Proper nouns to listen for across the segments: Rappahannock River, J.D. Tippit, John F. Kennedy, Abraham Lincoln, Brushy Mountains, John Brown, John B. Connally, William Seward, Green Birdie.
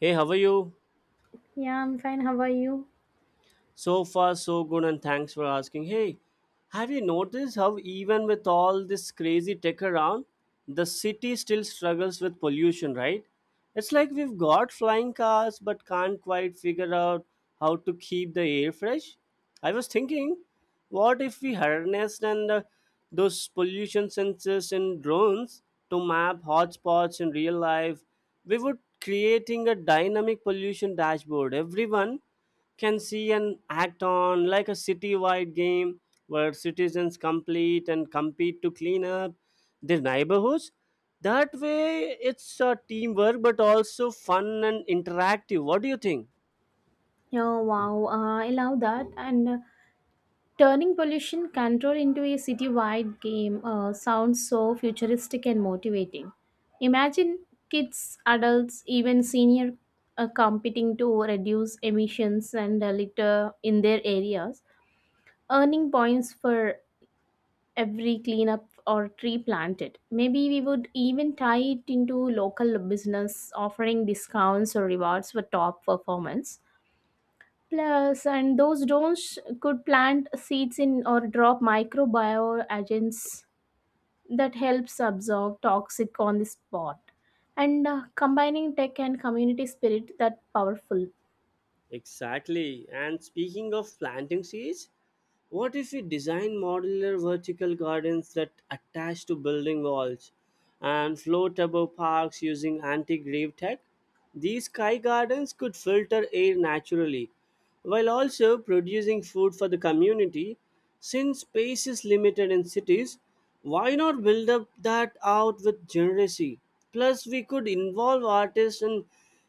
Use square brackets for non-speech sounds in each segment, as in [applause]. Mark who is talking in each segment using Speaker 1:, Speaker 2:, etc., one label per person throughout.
Speaker 1: Hey, how are you?
Speaker 2: Yeah, I'm fine. How are you?
Speaker 1: So far, so good, and thanks for asking. Hey, have you noticed how, even with all this crazy tech around, the city still struggles with pollution, right? It's like we've got flying cars but can't quite figure out how to keep the air fresh. I was thinking, what if we harnessed and those pollution sensors and drones to map hotspots in real life? We would creating a dynamic pollution dashboard everyone can see and act on, like a citywide game where citizens complete and compete to clean up their neighborhoods. That way, it's a teamwork but also fun and interactive. What do you think?
Speaker 2: Oh, wow. I love that. And turning pollution control into a city-wide game sounds so futuristic and motivating. Imagine kids, adults, even senior competing to reduce emissions and litter in their areas, earning points for every cleanup or tree planted. Maybe we would even tie it into local business offering discounts or rewards for top performance. Plus, and those drones could plant seeds in or drop microbial agents that helps absorb toxic on the spot. And Combining tech and community spirit that powerful.
Speaker 1: Exactly. And speaking of planting seeds, what if we design modular vertical gardens that attach to building walls and float above parks using anti-grave tech? These sky gardens could filter air naturally while also producing food for the community. Since space is limited in cities, why not build up that out with generacy? Plus, we could involve artists and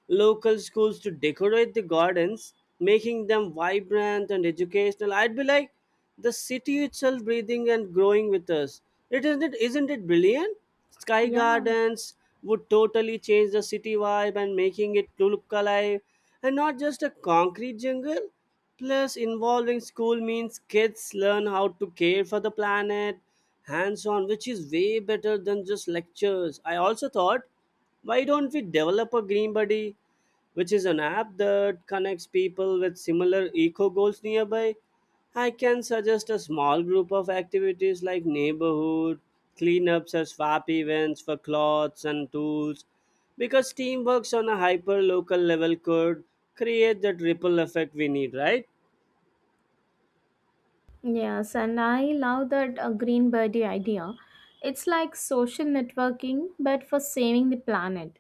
Speaker 1: local schools to decorate the gardens, making them vibrant and educational. I'd be like the city itself breathing and growing with us. It isn't it brilliant? Sky
Speaker 2: Yeah.
Speaker 1: gardens would totally change the city vibe and making it to look alive and not just a concrete jungle. Plus, involving school means kids learn how to care for the planet hands on, which is way better than just lectures. I also thought, why don't we develop a Green Buddy, which is an app that connects people with similar eco goals nearby? I can suggest a small group of activities like neighborhood, cleanups, or swap events for clothes and tools because teamwork on a hyper local level could create that ripple effect we need, right?
Speaker 2: Yes, and I love that green birdie idea. It's like social networking, but for saving the planet.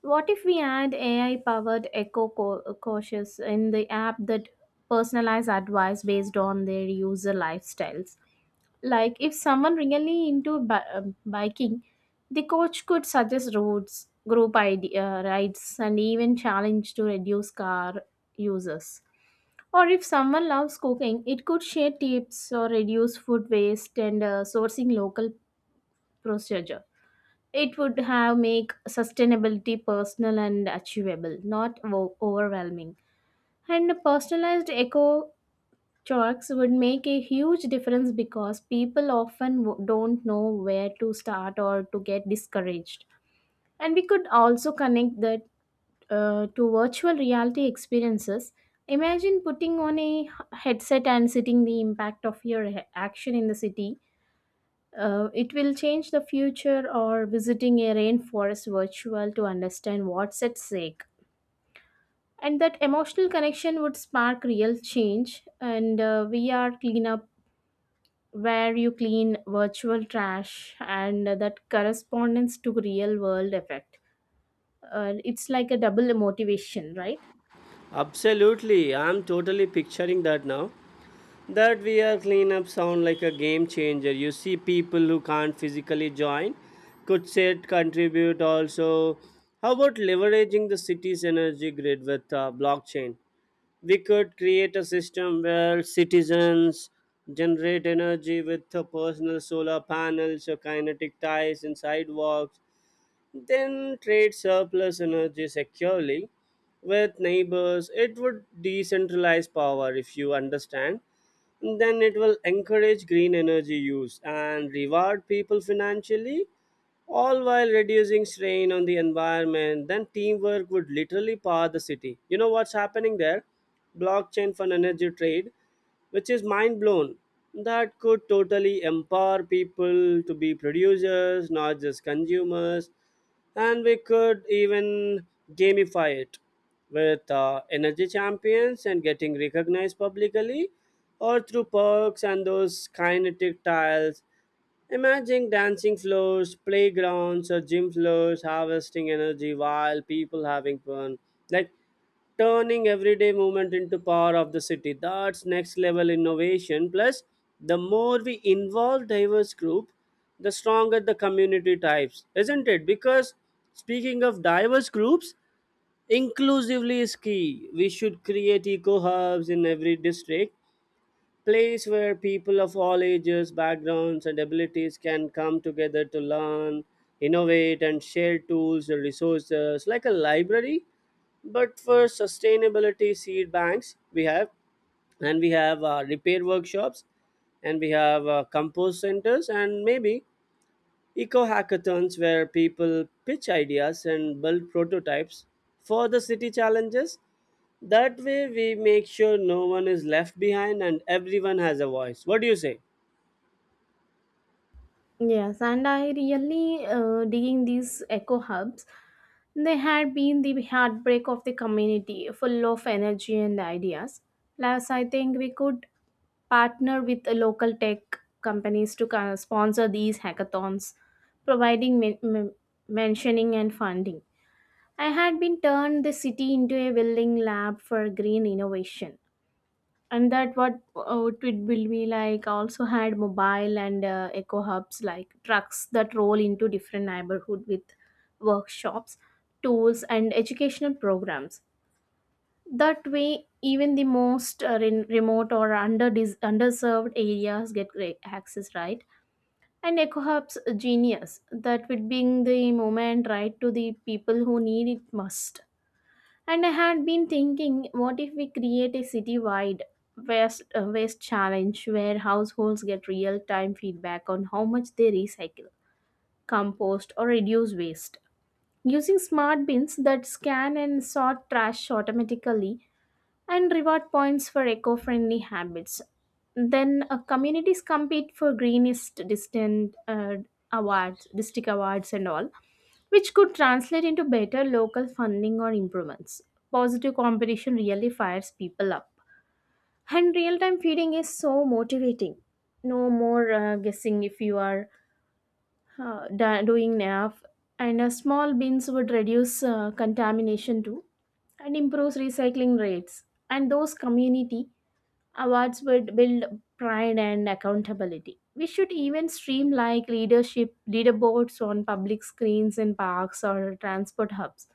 Speaker 2: What if we add AI powered eco cautious in the app that personalize advice based on their user lifestyles? Like if someone really into biking, the coach could suggest routes, group idea, rides, and even challenge to reduce car uses. Or if someone loves cooking, it could share tips or reduce food waste and sourcing local procedure. It would have make sustainability personal and achievable, not overwhelming. And personalized eco chalks would make a huge difference because people often don't know where to start or to get discouraged. And we could also connect that to virtual reality experiences. Imagine putting on a headset and sitting the impact of your action in the city. It will change the future or visiting a rainforest virtual to understand what's at stake. And that emotional connection would spark real change. And we are cleanup where you clean virtual trash and that correspondence to real world effect it's like a double motivation, right?
Speaker 1: Absolutely, I'm totally picturing that now. That VR cleanup sound like a game changer. You see people who can't physically join could sit, contribute also. How about leveraging the city's energy grid with blockchain? We could create a system where citizens generate energy with personal solar panels or kinetic ties and sidewalks, then trade surplus energy securely with neighbors. It would decentralize power if you understand. Then it will encourage green energy use and reward people financially all while reducing strain on the environment. Then teamwork would literally power the city. You know what's happening there? Blockchain for energy trade, which is mind blown. That could totally empower people to be producers, not just consumers. And we could even gamify it with energy champions and getting recognized publicly or through perks. And those kinetic tiles, imagine dancing floors, playgrounds, or gym floors harvesting energy while people having fun. Like turning everyday movement into power of the city. That's next level innovation. Plus, the more we involve diverse group, the stronger the community types, isn't it? Because speaking of diverse groups, inclusively is key. We should create eco hubs in every district, place where people of all ages, backgrounds, and abilities can come together to learn, innovate, and share tools and resources like a library. But for sustainability seed banks, we have, and we have repair workshops, and we have compost centers, and maybe eco hackathons where people pitch ideas and build prototypes for the city challenges. That way, we make sure no one is left behind and everyone has a voice. What do you say?
Speaker 2: Yes, and I really digging these eco hubs. They had been the heartbreak of the community, full of energy and ideas. Plus I think we could partner with the local tech companies to kind of sponsor these hackathons, providing mentioning and funding. I had been turned the city into a willing lab for green innovation. And that what it will be like also had mobile and eco hubs like trucks that roll into different neighborhood with workshops, tools and educational programs. That way, even the most remote or underserved areas get great access, right? And eco hubs genius that would bring the moment right to the people who need it most. And I had been thinking, what if we create a city-wide waste challenge where households get real-time feedback on how much they recycle, compost, or reduce waste? Using smart bins that scan and sort trash automatically and reward points for eco-friendly habits. Then communities compete for greenest distant awards, district awards and all, which could translate into better local funding or improvements. Positive competition really fires people up. And real time feeding is so motivating. No more guessing if you are doing enough. And Small bins would reduce contamination too and improves recycling rates. And those community awards would build pride and accountability. We should even stream like leadership leaderboards on public screens in parks or transport hubs,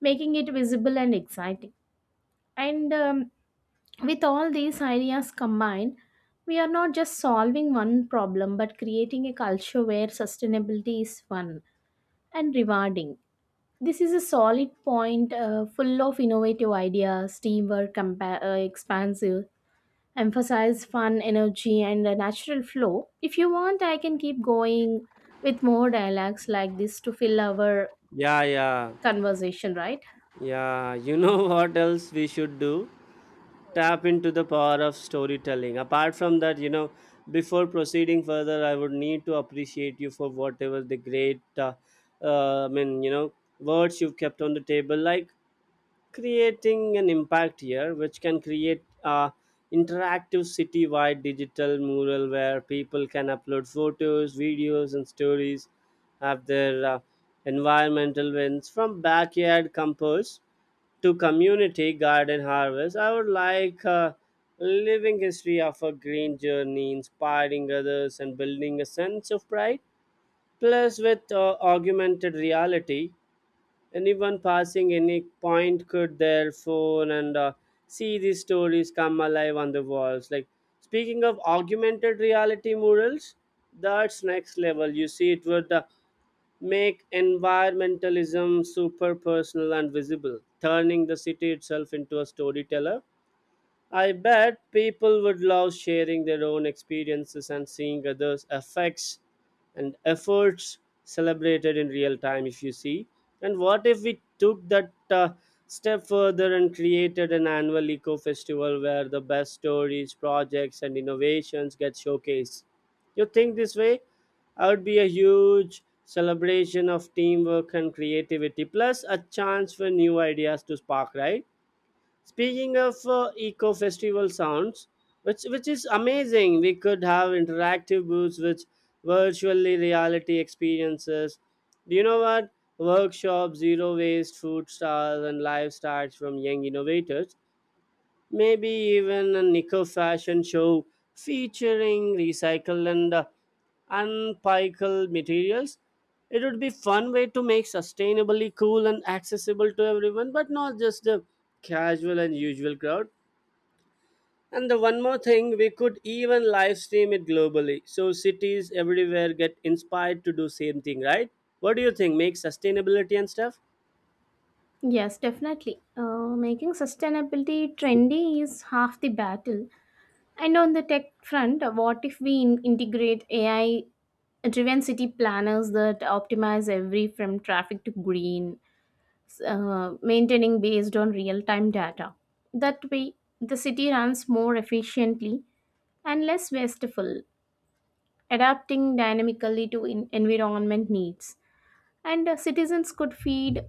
Speaker 2: making it visible and exciting. And with all these ideas combined, we are not just solving one problem but creating a culture where sustainability is fun and rewarding. This is a solid point full of innovative ideas, teamwork, expansive emphasize fun, energy, and a natural flow. If you want, I can keep going with more dialogues like this to fill our
Speaker 1: Yeah, yeah,
Speaker 2: conversation, right?
Speaker 1: yeah. You know [laughs] what else we should do? Tap into the power of storytelling. Apart from that, you know, before proceeding further, I would need to appreciate you for whatever the great, you know, words you've kept on the table. Like creating an impact here, which can create a interactive city-wide digital mural where people can upload photos, videos, and stories of their environmental wins, from backyard compost to community garden harvest. I would like a living history of a green journey inspiring others and building a sense of pride. Plus, with augmented reality, anyone passing any point could their phone and see these stories come alive on the walls. Like, speaking of augmented reality murals, that's next level. You see, it would make environmentalism super personal and visible, turning the city itself into a storyteller. I bet people would love sharing their own experiences and seeing others' effects and efforts celebrated in real time, if you see. And what if we took that step further and created an annual eco festival where the best stories, projects, and innovations get showcased? You think this way? I would be a huge celebration of teamwork and creativity, plus a chance for new ideas to spark, right? Speaking of eco festival sounds, which is amazing, we could have interactive booths with virtually reality experiences. Do you know what? Workshops, zero waste, food stars, and live starts from young innovators, maybe even a nickel fashion show featuring recycled and unpickled materials. It would be fun way to make sustainably cool and accessible to everyone, but not just the casual and usual crowd. And the one more thing, we could even live stream it globally, so cities everywhere get inspired to do same thing, right? What do you think? Make sustainability and stuff.
Speaker 2: Yes, definitely. Making sustainability trendy is half the battle. And on the tech front, what if we integrate AI driven city planners that optimize every from traffic to green? Maintaining based on real time data. That way, the city runs more efficiently and less wasteful, adapting dynamically to environment needs. And Citizens could feed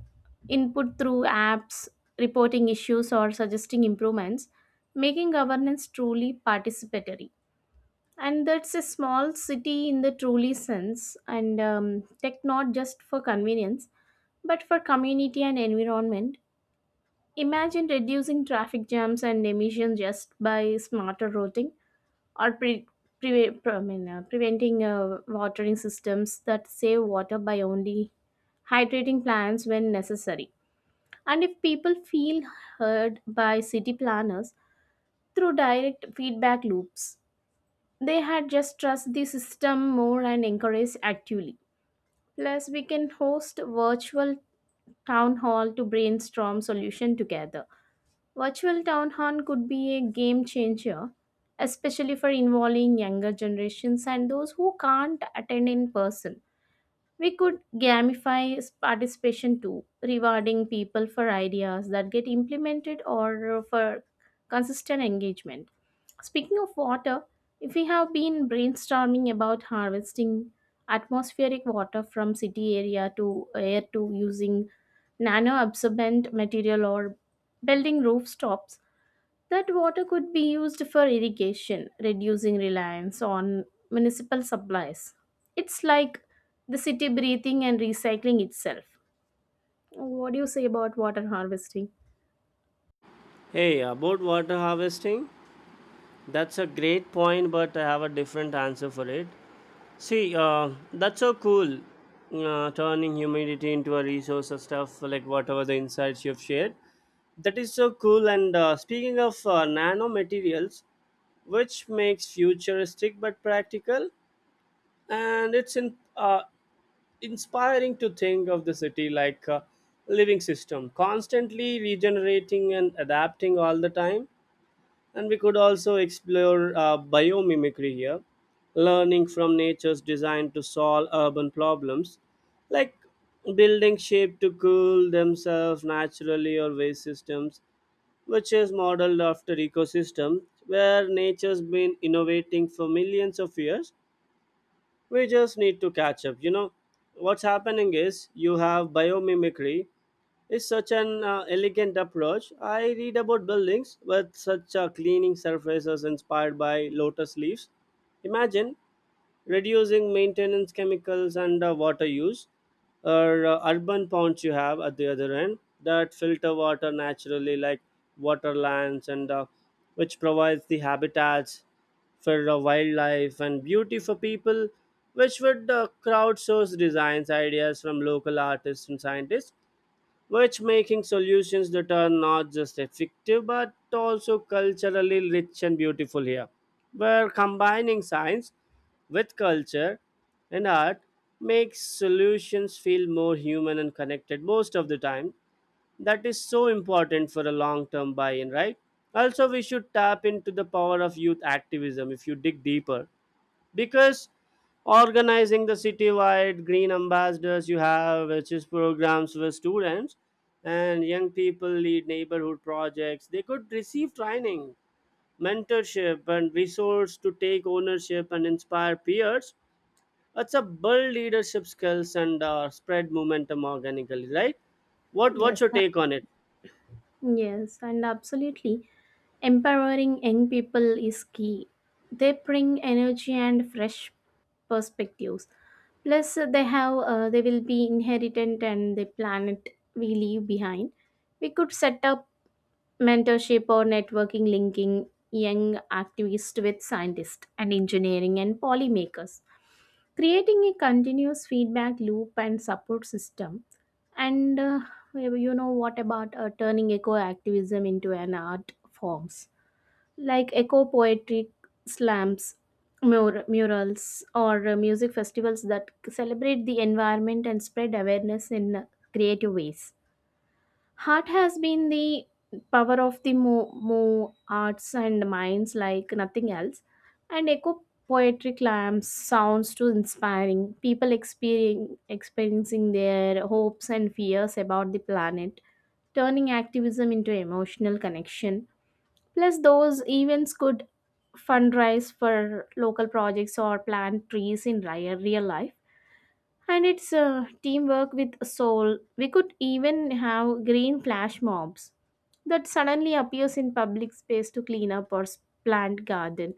Speaker 2: input through apps, reporting issues, or suggesting improvements, making governance truly participatory. And that's a small city in the truly sense, and tech not just for convenience, but for community and environment. Imagine reducing traffic jams and emissions just by smarter routing or I mean, preventing watering systems that save water by only hydrating plants when necessary. And if people feel heard by city planners through direct feedback loops, they had just trust the system more and encourage actively. Plus, we can host virtual town hall to brainstorm solution together. Virtual town hall could be a game changer, especially for involving younger generations and those who can't attend in person. We could gamify participation too, rewarding people for ideas that get implemented or for consistent engagement. Speaking of water, if we have been brainstorming about harvesting atmospheric water from city area to air to using nano absorbent material or building rooftops, that water could be used for irrigation, reducing reliance on municipal supplies. It's like the city breathing and recycling itself. What do you say about water harvesting?
Speaker 1: Hey, about water harvesting, that's a great point, but I have a different answer for it. See, that's so cool. Turning humidity into a resource of stuff like whatever the insights you've shared. That is so cool. And speaking of nanomaterials, which makes futuristic but practical, and it's in, inspiring to think of the city like a living system, constantly regenerating and adapting all the time. And we could also explore biomimicry here, learning from nature's design to solve urban problems, like building shape to cool themselves naturally, or waste systems, which is modeled after ecosystems where nature's been innovating for millions of years. We just need to catch up, you know. What's happening is you have biomimicry is such an elegant approach. I read about buildings with such cleaning surfaces inspired by lotus leaves. Imagine reducing maintenance chemicals and water use, or urban ponds you have at the other end that filter water naturally, like waterlands, and which provides the habitats for wildlife and beauty for people, which would crowdsource designs ideas from local artists and scientists, which making solutions that are not just effective but also culturally rich and beautiful here. Where combining science with culture and art makes solutions feel more human and connected most of the time. That is so important for a long term buy in, right? Also, we should tap into the power of youth activism if you dig deeper, because organizing the citywide green ambassadors you have, which is programs for students and young people lead neighborhood projects, they could receive training, mentorship and resource to take ownership and inspire peers. It's a build leadership skills and spread momentum organically, right? What's
Speaker 2: Yes,
Speaker 1: your
Speaker 2: uh,
Speaker 1: take on it?
Speaker 2: yes, and absolutely. Empowering young people is key. They bring energy and fresh perspectives. Plus, they will be inheritant and the planet we leave behind. We could set up mentorship or networking, linking young activists with scientists and engineering and polymakers, creating a continuous feedback loop and support system, and you know what about turning eco activism into an art forms like eco poetry slams, murals, or music festivals that celebrate the environment and spread awareness in creative ways. Art has been the power of the mo- mo arts and minds like nothing else. And echo poetry climbs sounds to inspiring people experiencing their hopes and fears about the planet, turning activism into emotional connection. Plus, those events could fundraise for local projects or plant trees in real life, and it's teamwork with soul. We could even have green flash mobs that suddenly appears in public space to clean up or plant garden.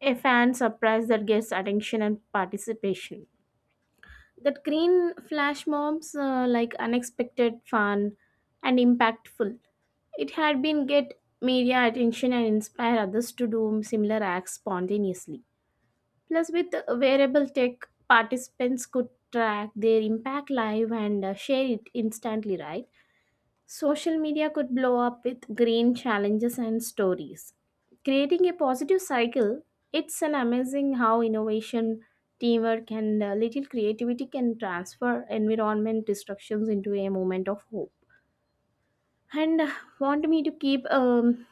Speaker 2: A fan surprise that gets attention and participation. That green flash mobs like unexpected fun and impactful. It had been get media attention and inspire others to do similar acts spontaneously. Plus, with wearable tech, participants could track their impact live and share it instantly, right? Social media could blow up with green challenges and stories. Creating a positive cycle, it's an amazing how innovation, teamwork, and a little creativity can transfer environment destructions into a moment of hope. And Want me to keep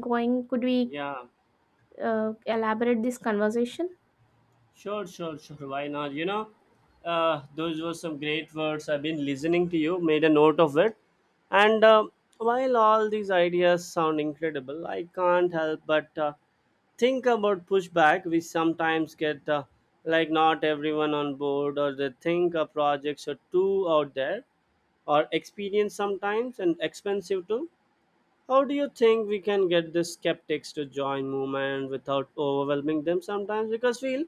Speaker 2: going? Could we
Speaker 1: Yeah.
Speaker 2: elaborate this conversation?
Speaker 1: Sure, sure, sure. Why not? You know, those were some great words. I've been listening to you, made a note of it. And while all these ideas sound incredible, I can't help but think about pushback. We sometimes get like not everyone on board, or they think our projects are too out there, or experience sometimes and expensive too. How do you think we can get the skeptics to join movement without overwhelming them sometimes? Because feel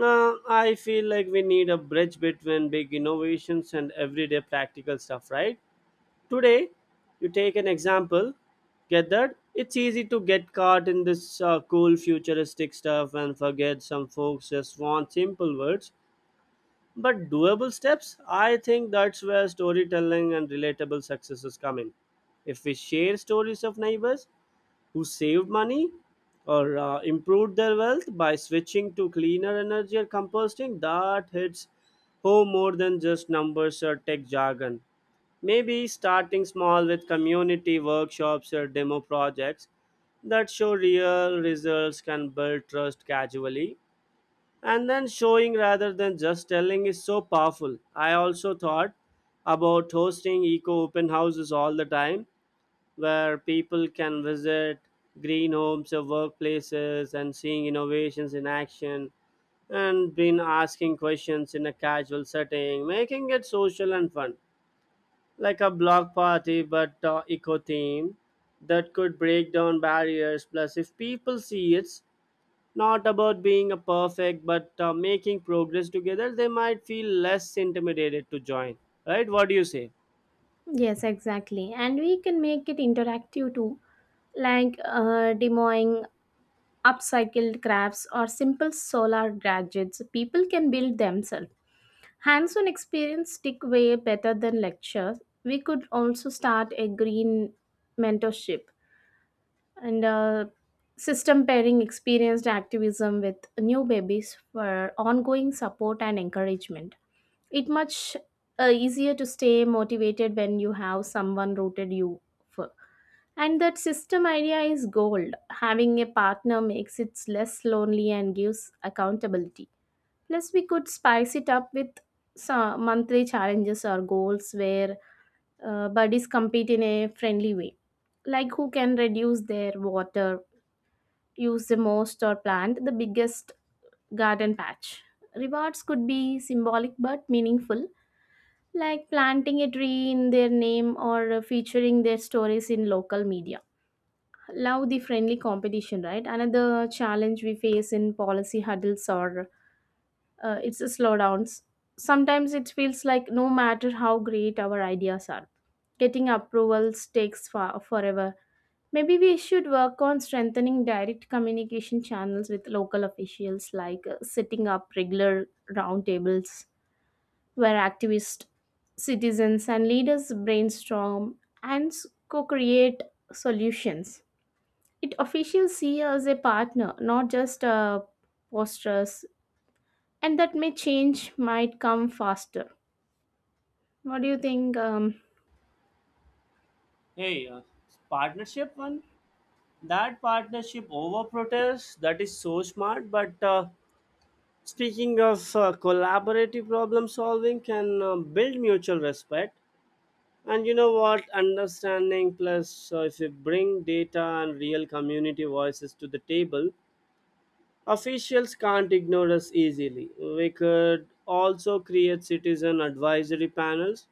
Speaker 1: I feel like we need a bridge between big innovations and everyday practical stuff, right? Today, you take an example, get that? It's easy to get caught in this cool futuristic stuff and forget some folks just want simple words. But doable steps, I think that's where storytelling and relatable successes come in. If we share stories of neighbors, who saved money or improved their wealth by switching to cleaner energy or composting, that hits home more than just numbers or tech jargon. Maybe starting small with community workshops or demo projects that show real results can build trust gradually. And then showing rather than just telling is so powerful. I also thought about hosting eco open houses all the time, where people can visit green homes or workplaces and seeing innovations in action and been asking questions in a casual setting, making it social and fun, like a block party but eco theme. That could break down barriers. Plus, if people see it's not about being a perfect but making progress together, they might feel less intimidated to join. Right? What do you say?
Speaker 2: Yes, exactly. And we can make it interactive too, like demoing upcycled crafts or simple solar gadgets. People can build themselves. Hands on experience stick way better than lectures. We could also start a green mentorship and system pairing experienced activism with new babies for ongoing support and encouragement. It much easier to stay motivated when you have someone rooted you for. And that system idea is gold. Having a partner makes it less lonely and gives accountability. Plus, we could spice it up with some monthly challenges or goals where buddies compete in a friendly way, like who can reduce their water, use the most, or plant the biggest garden patch. Rewards could be symbolic but meaningful, like planting a tree in their name or featuring their stories in local media. Love the friendly competition, right? Another challenge we face in policy huddles or it's a slowdowns. Sometimes it feels like no matter how great our ideas are, getting approvals takes forever. Maybe we should work on strengthening direct communication channels with local officials, like setting up regular roundtables where activists, citizens, and leaders brainstorm and co create solutions. It officials see us as a partner, not just posters, and that may change might come faster. What do you think?
Speaker 1: Hey, partnership one partnership over protest, that is so smart, but speaking of collaborative problem solving, can build mutual respect and, you know what, understanding. Plus if you bring data and real community voices to the table, officials can't ignore us easily. We could also create citizen advisory panels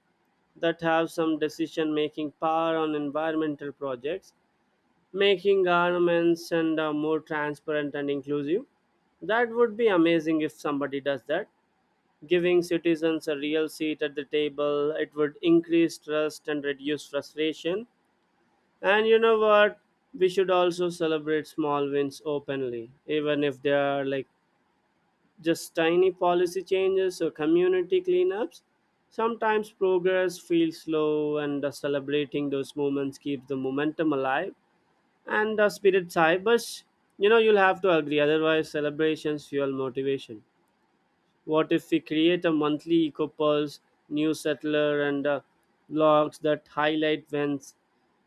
Speaker 1: that have some decision making power on environmental projects, making governments and more transparent and inclusive. That would be amazing if somebody does that. Giving citizens a real seat at the table, it would increase trust and reduce frustration. And you know what? We should also celebrate small wins openly, even if they are like just tiny policy changes or community cleanups. Sometimes progress feels slow, and celebrating those moments keeps the momentum alive and the spirit's high. But you know, you'll have to agree, otherwise, celebrations fuel motivation. What if we create a monthly eco pulse, new settler, and blogs that highlight events,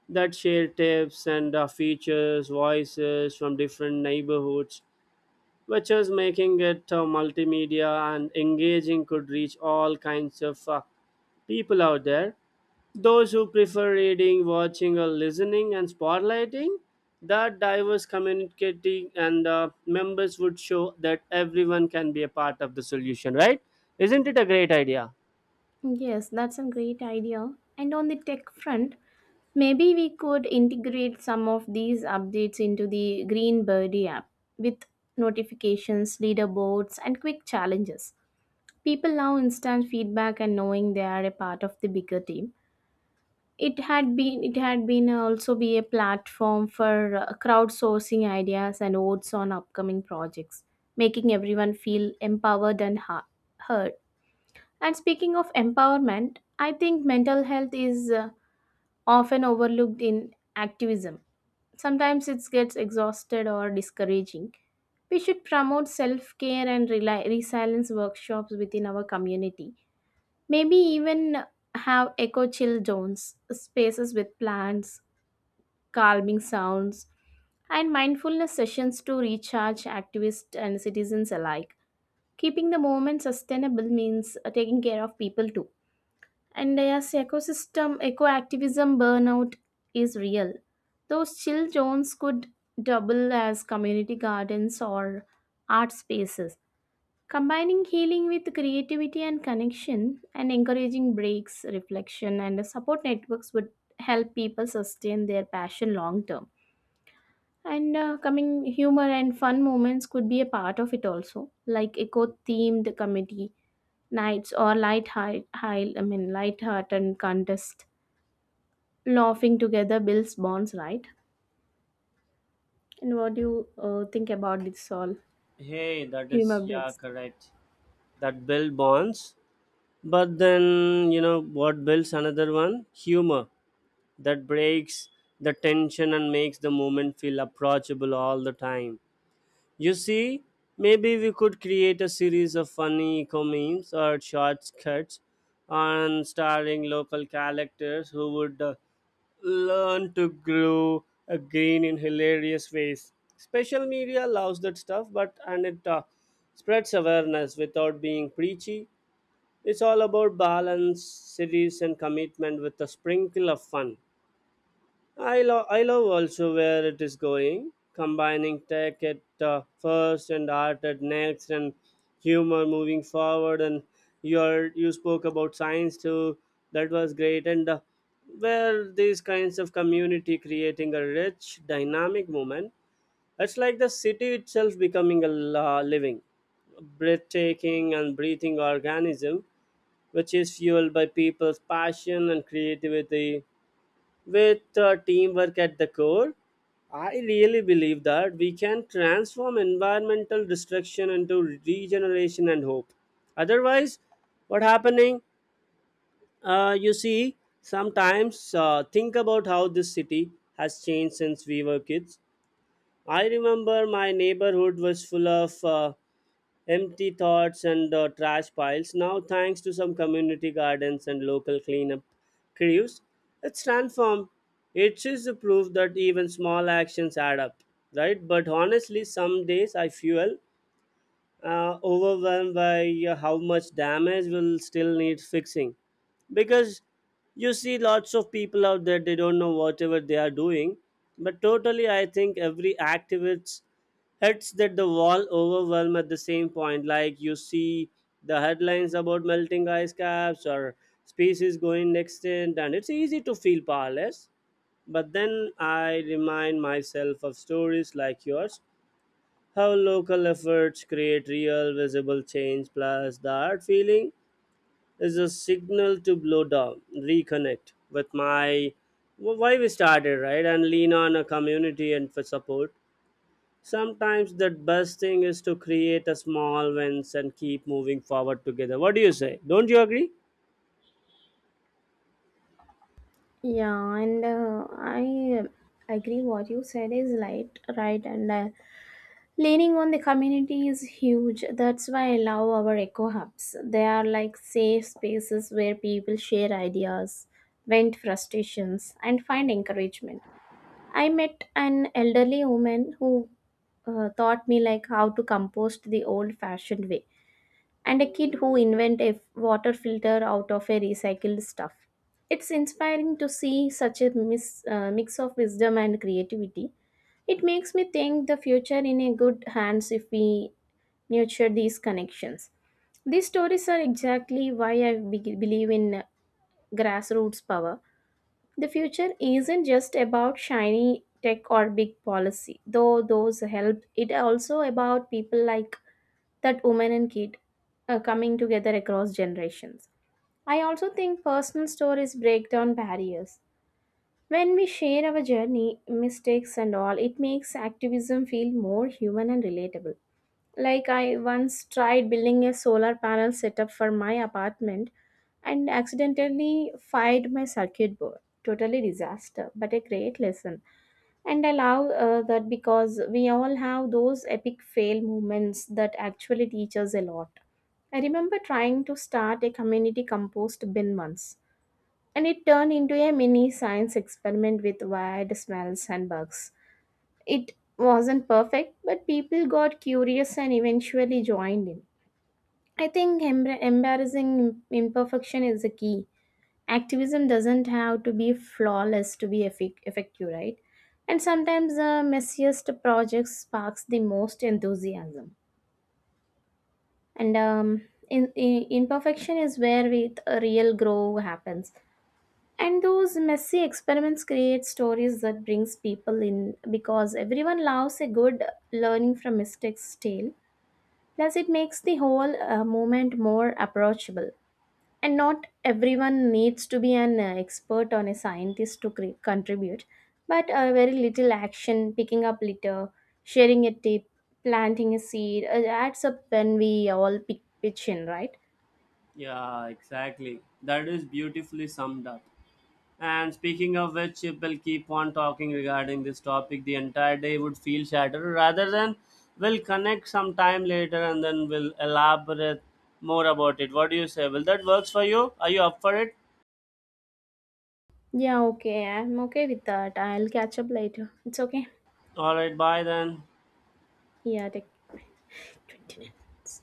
Speaker 1: that share tips and features, voices from different neighborhoods, which is making it multimedia and engaging, could reach all kinds of people out there, those who prefer reading, watching, or listening, and spotlighting that diverse communicating and members would show that everyone can be a part of the solution, right? Isn't it a great idea?
Speaker 2: Yes, that's a great idea. And on the tech front, maybe we could integrate some of these updates into the Green Birdie app with notifications, leaderboards, and quick challenges. People love instant feedback and knowing they are a part of the bigger team. It had been also be a platform for crowdsourcing ideas and votes on upcoming projects, making everyone feel empowered and heard. And speaking of empowerment, I think mental health is often overlooked in activism. Sometimes it gets exhausted or discouraging. We should promote self care and reli resilience workshops within our community. Maybe even have eco chill zones, spaces with plants, calming sounds, and mindfulness sessions to recharge activists and citizens alike. Keeping the movement sustainable means taking care of people too. And yes, ecosystem eco-activism burnout is real. Those chill zones could double as community gardens or art spaces. Combining healing with creativity and connection and encouraging breaks, reflection, and support networks would help people sustain their passion long term. And Coming humor and fun moments could be a part of it also, like eco themed comedy nights or light I mean, light heart and contest. Laughing together builds bonds, right? And what do you think about this all?
Speaker 1: Hey, that
Speaker 2: Humor
Speaker 1: is, yeah,
Speaker 2: breaks.
Speaker 1: correct. That build bonds. But then, you know, what builds another one? Humor. That breaks the tension and makes the moment feel approachable all the time. You see, maybe we could create a series of funny eco memes or short skits on starring local characters who would learn to grow again in hilarious ways. Social media loves that stuff, but and it spreads awareness without being preachy. It's all about balance, series, and commitment with a sprinkle of fun. I love also where it is going, combining tech at first and art at next, and humor moving forward. And you spoke about science too. That was great, and where these kinds of community creating a rich, dynamic moment. It's like the city itself becoming a living, breathtaking, and breathing organism, which is fueled by people's passion and creativity. With teamwork at the core, I really believe that we can transform environmental destruction into regeneration and hope. Otherwise, what happening? You see, sometimes think about how this city has changed since we were kids. I remember my neighborhood was full of empty thoughts and trash piles. Now, thanks to some community gardens and local cleanup crews, it's transformed. It is the proof that even small actions add up, right? But honestly, some days I fuel overwhelmed by how much damage will still need fixing, because you see lots of people out there, they don't know whatever they are doing. But totally, I think every activist hits that the wall overwhelm at the same point. Like, you see the headlines about melting ice caps or species going extinct, and it's easy to feel powerless. But then I remind myself of stories like yours, how local efforts create real visible change. Plus the art feeling is a signal to blow down, reconnect with my why we started, right? And lean on a community and for support. Sometimes the best thing is to create a small wins and keep moving forward together. What do you say? Don't you agree?
Speaker 2: Yeah, and I agree what you said is right, right, and leaning on the community is huge. That's why I love our eco hubs. They are like safe spaces where people share ideas, vent frustrations, and find encouragement. I met an elderly woman who taught me like how to compost the old-fashioned way, and a kid who invent a water filter out of a recycled stuff. It's inspiring to see such a mix of wisdom and creativity. It makes me think the future in a good hands if we nurture these connections. These stories are exactly why I believe in grassroots power. The future isn't just about shiny tech or big policy, though those help. It also about people like that woman and kid coming together across generations. I also think personal stories break down barriers. When we share our journey, mistakes, and all, it makes activism feel more human and relatable. Like, I once tried building a solar panel setup for my apartment and accidentally fired my circuit board. Totally disaster, but a great lesson. And I love that because we all have those epic fail moments that actually teach us a lot. I remember trying to start a community compost bin once, and it turned into a mini science experiment with weird smells and bugs. It wasn't perfect, but people got curious and eventually joined in. I think embarrassing imperfection is the key. Activism doesn't have to be flawless to be effective, right? And sometimes the messiest projects sparks the most enthusiasm. And imperfection is where we, a real grow happens, and those messy experiments create stories that brings people in because everyone loves a good learning from mistakes tale. Plus it makes the whole movement more approachable, and not everyone needs to be an expert or a scientist to contribute. But very little action, picking up litter, sharing a tip, planting a seed adds up when we all pitch in, right?
Speaker 1: Yeah, exactly. That is beautifully summed up. And speaking of which, if we'll keep on talking regarding this topic, the entire day would feel shattered. Rather than, we'll connect some time later and then we'll elaborate more about it. What do you say? Will that works for you? Are you up for it?
Speaker 2: Yeah, okay. I'm okay with that. I'll catch up later. It's okay.
Speaker 1: All right, bye then.
Speaker 2: Yeah, take 20 minutes.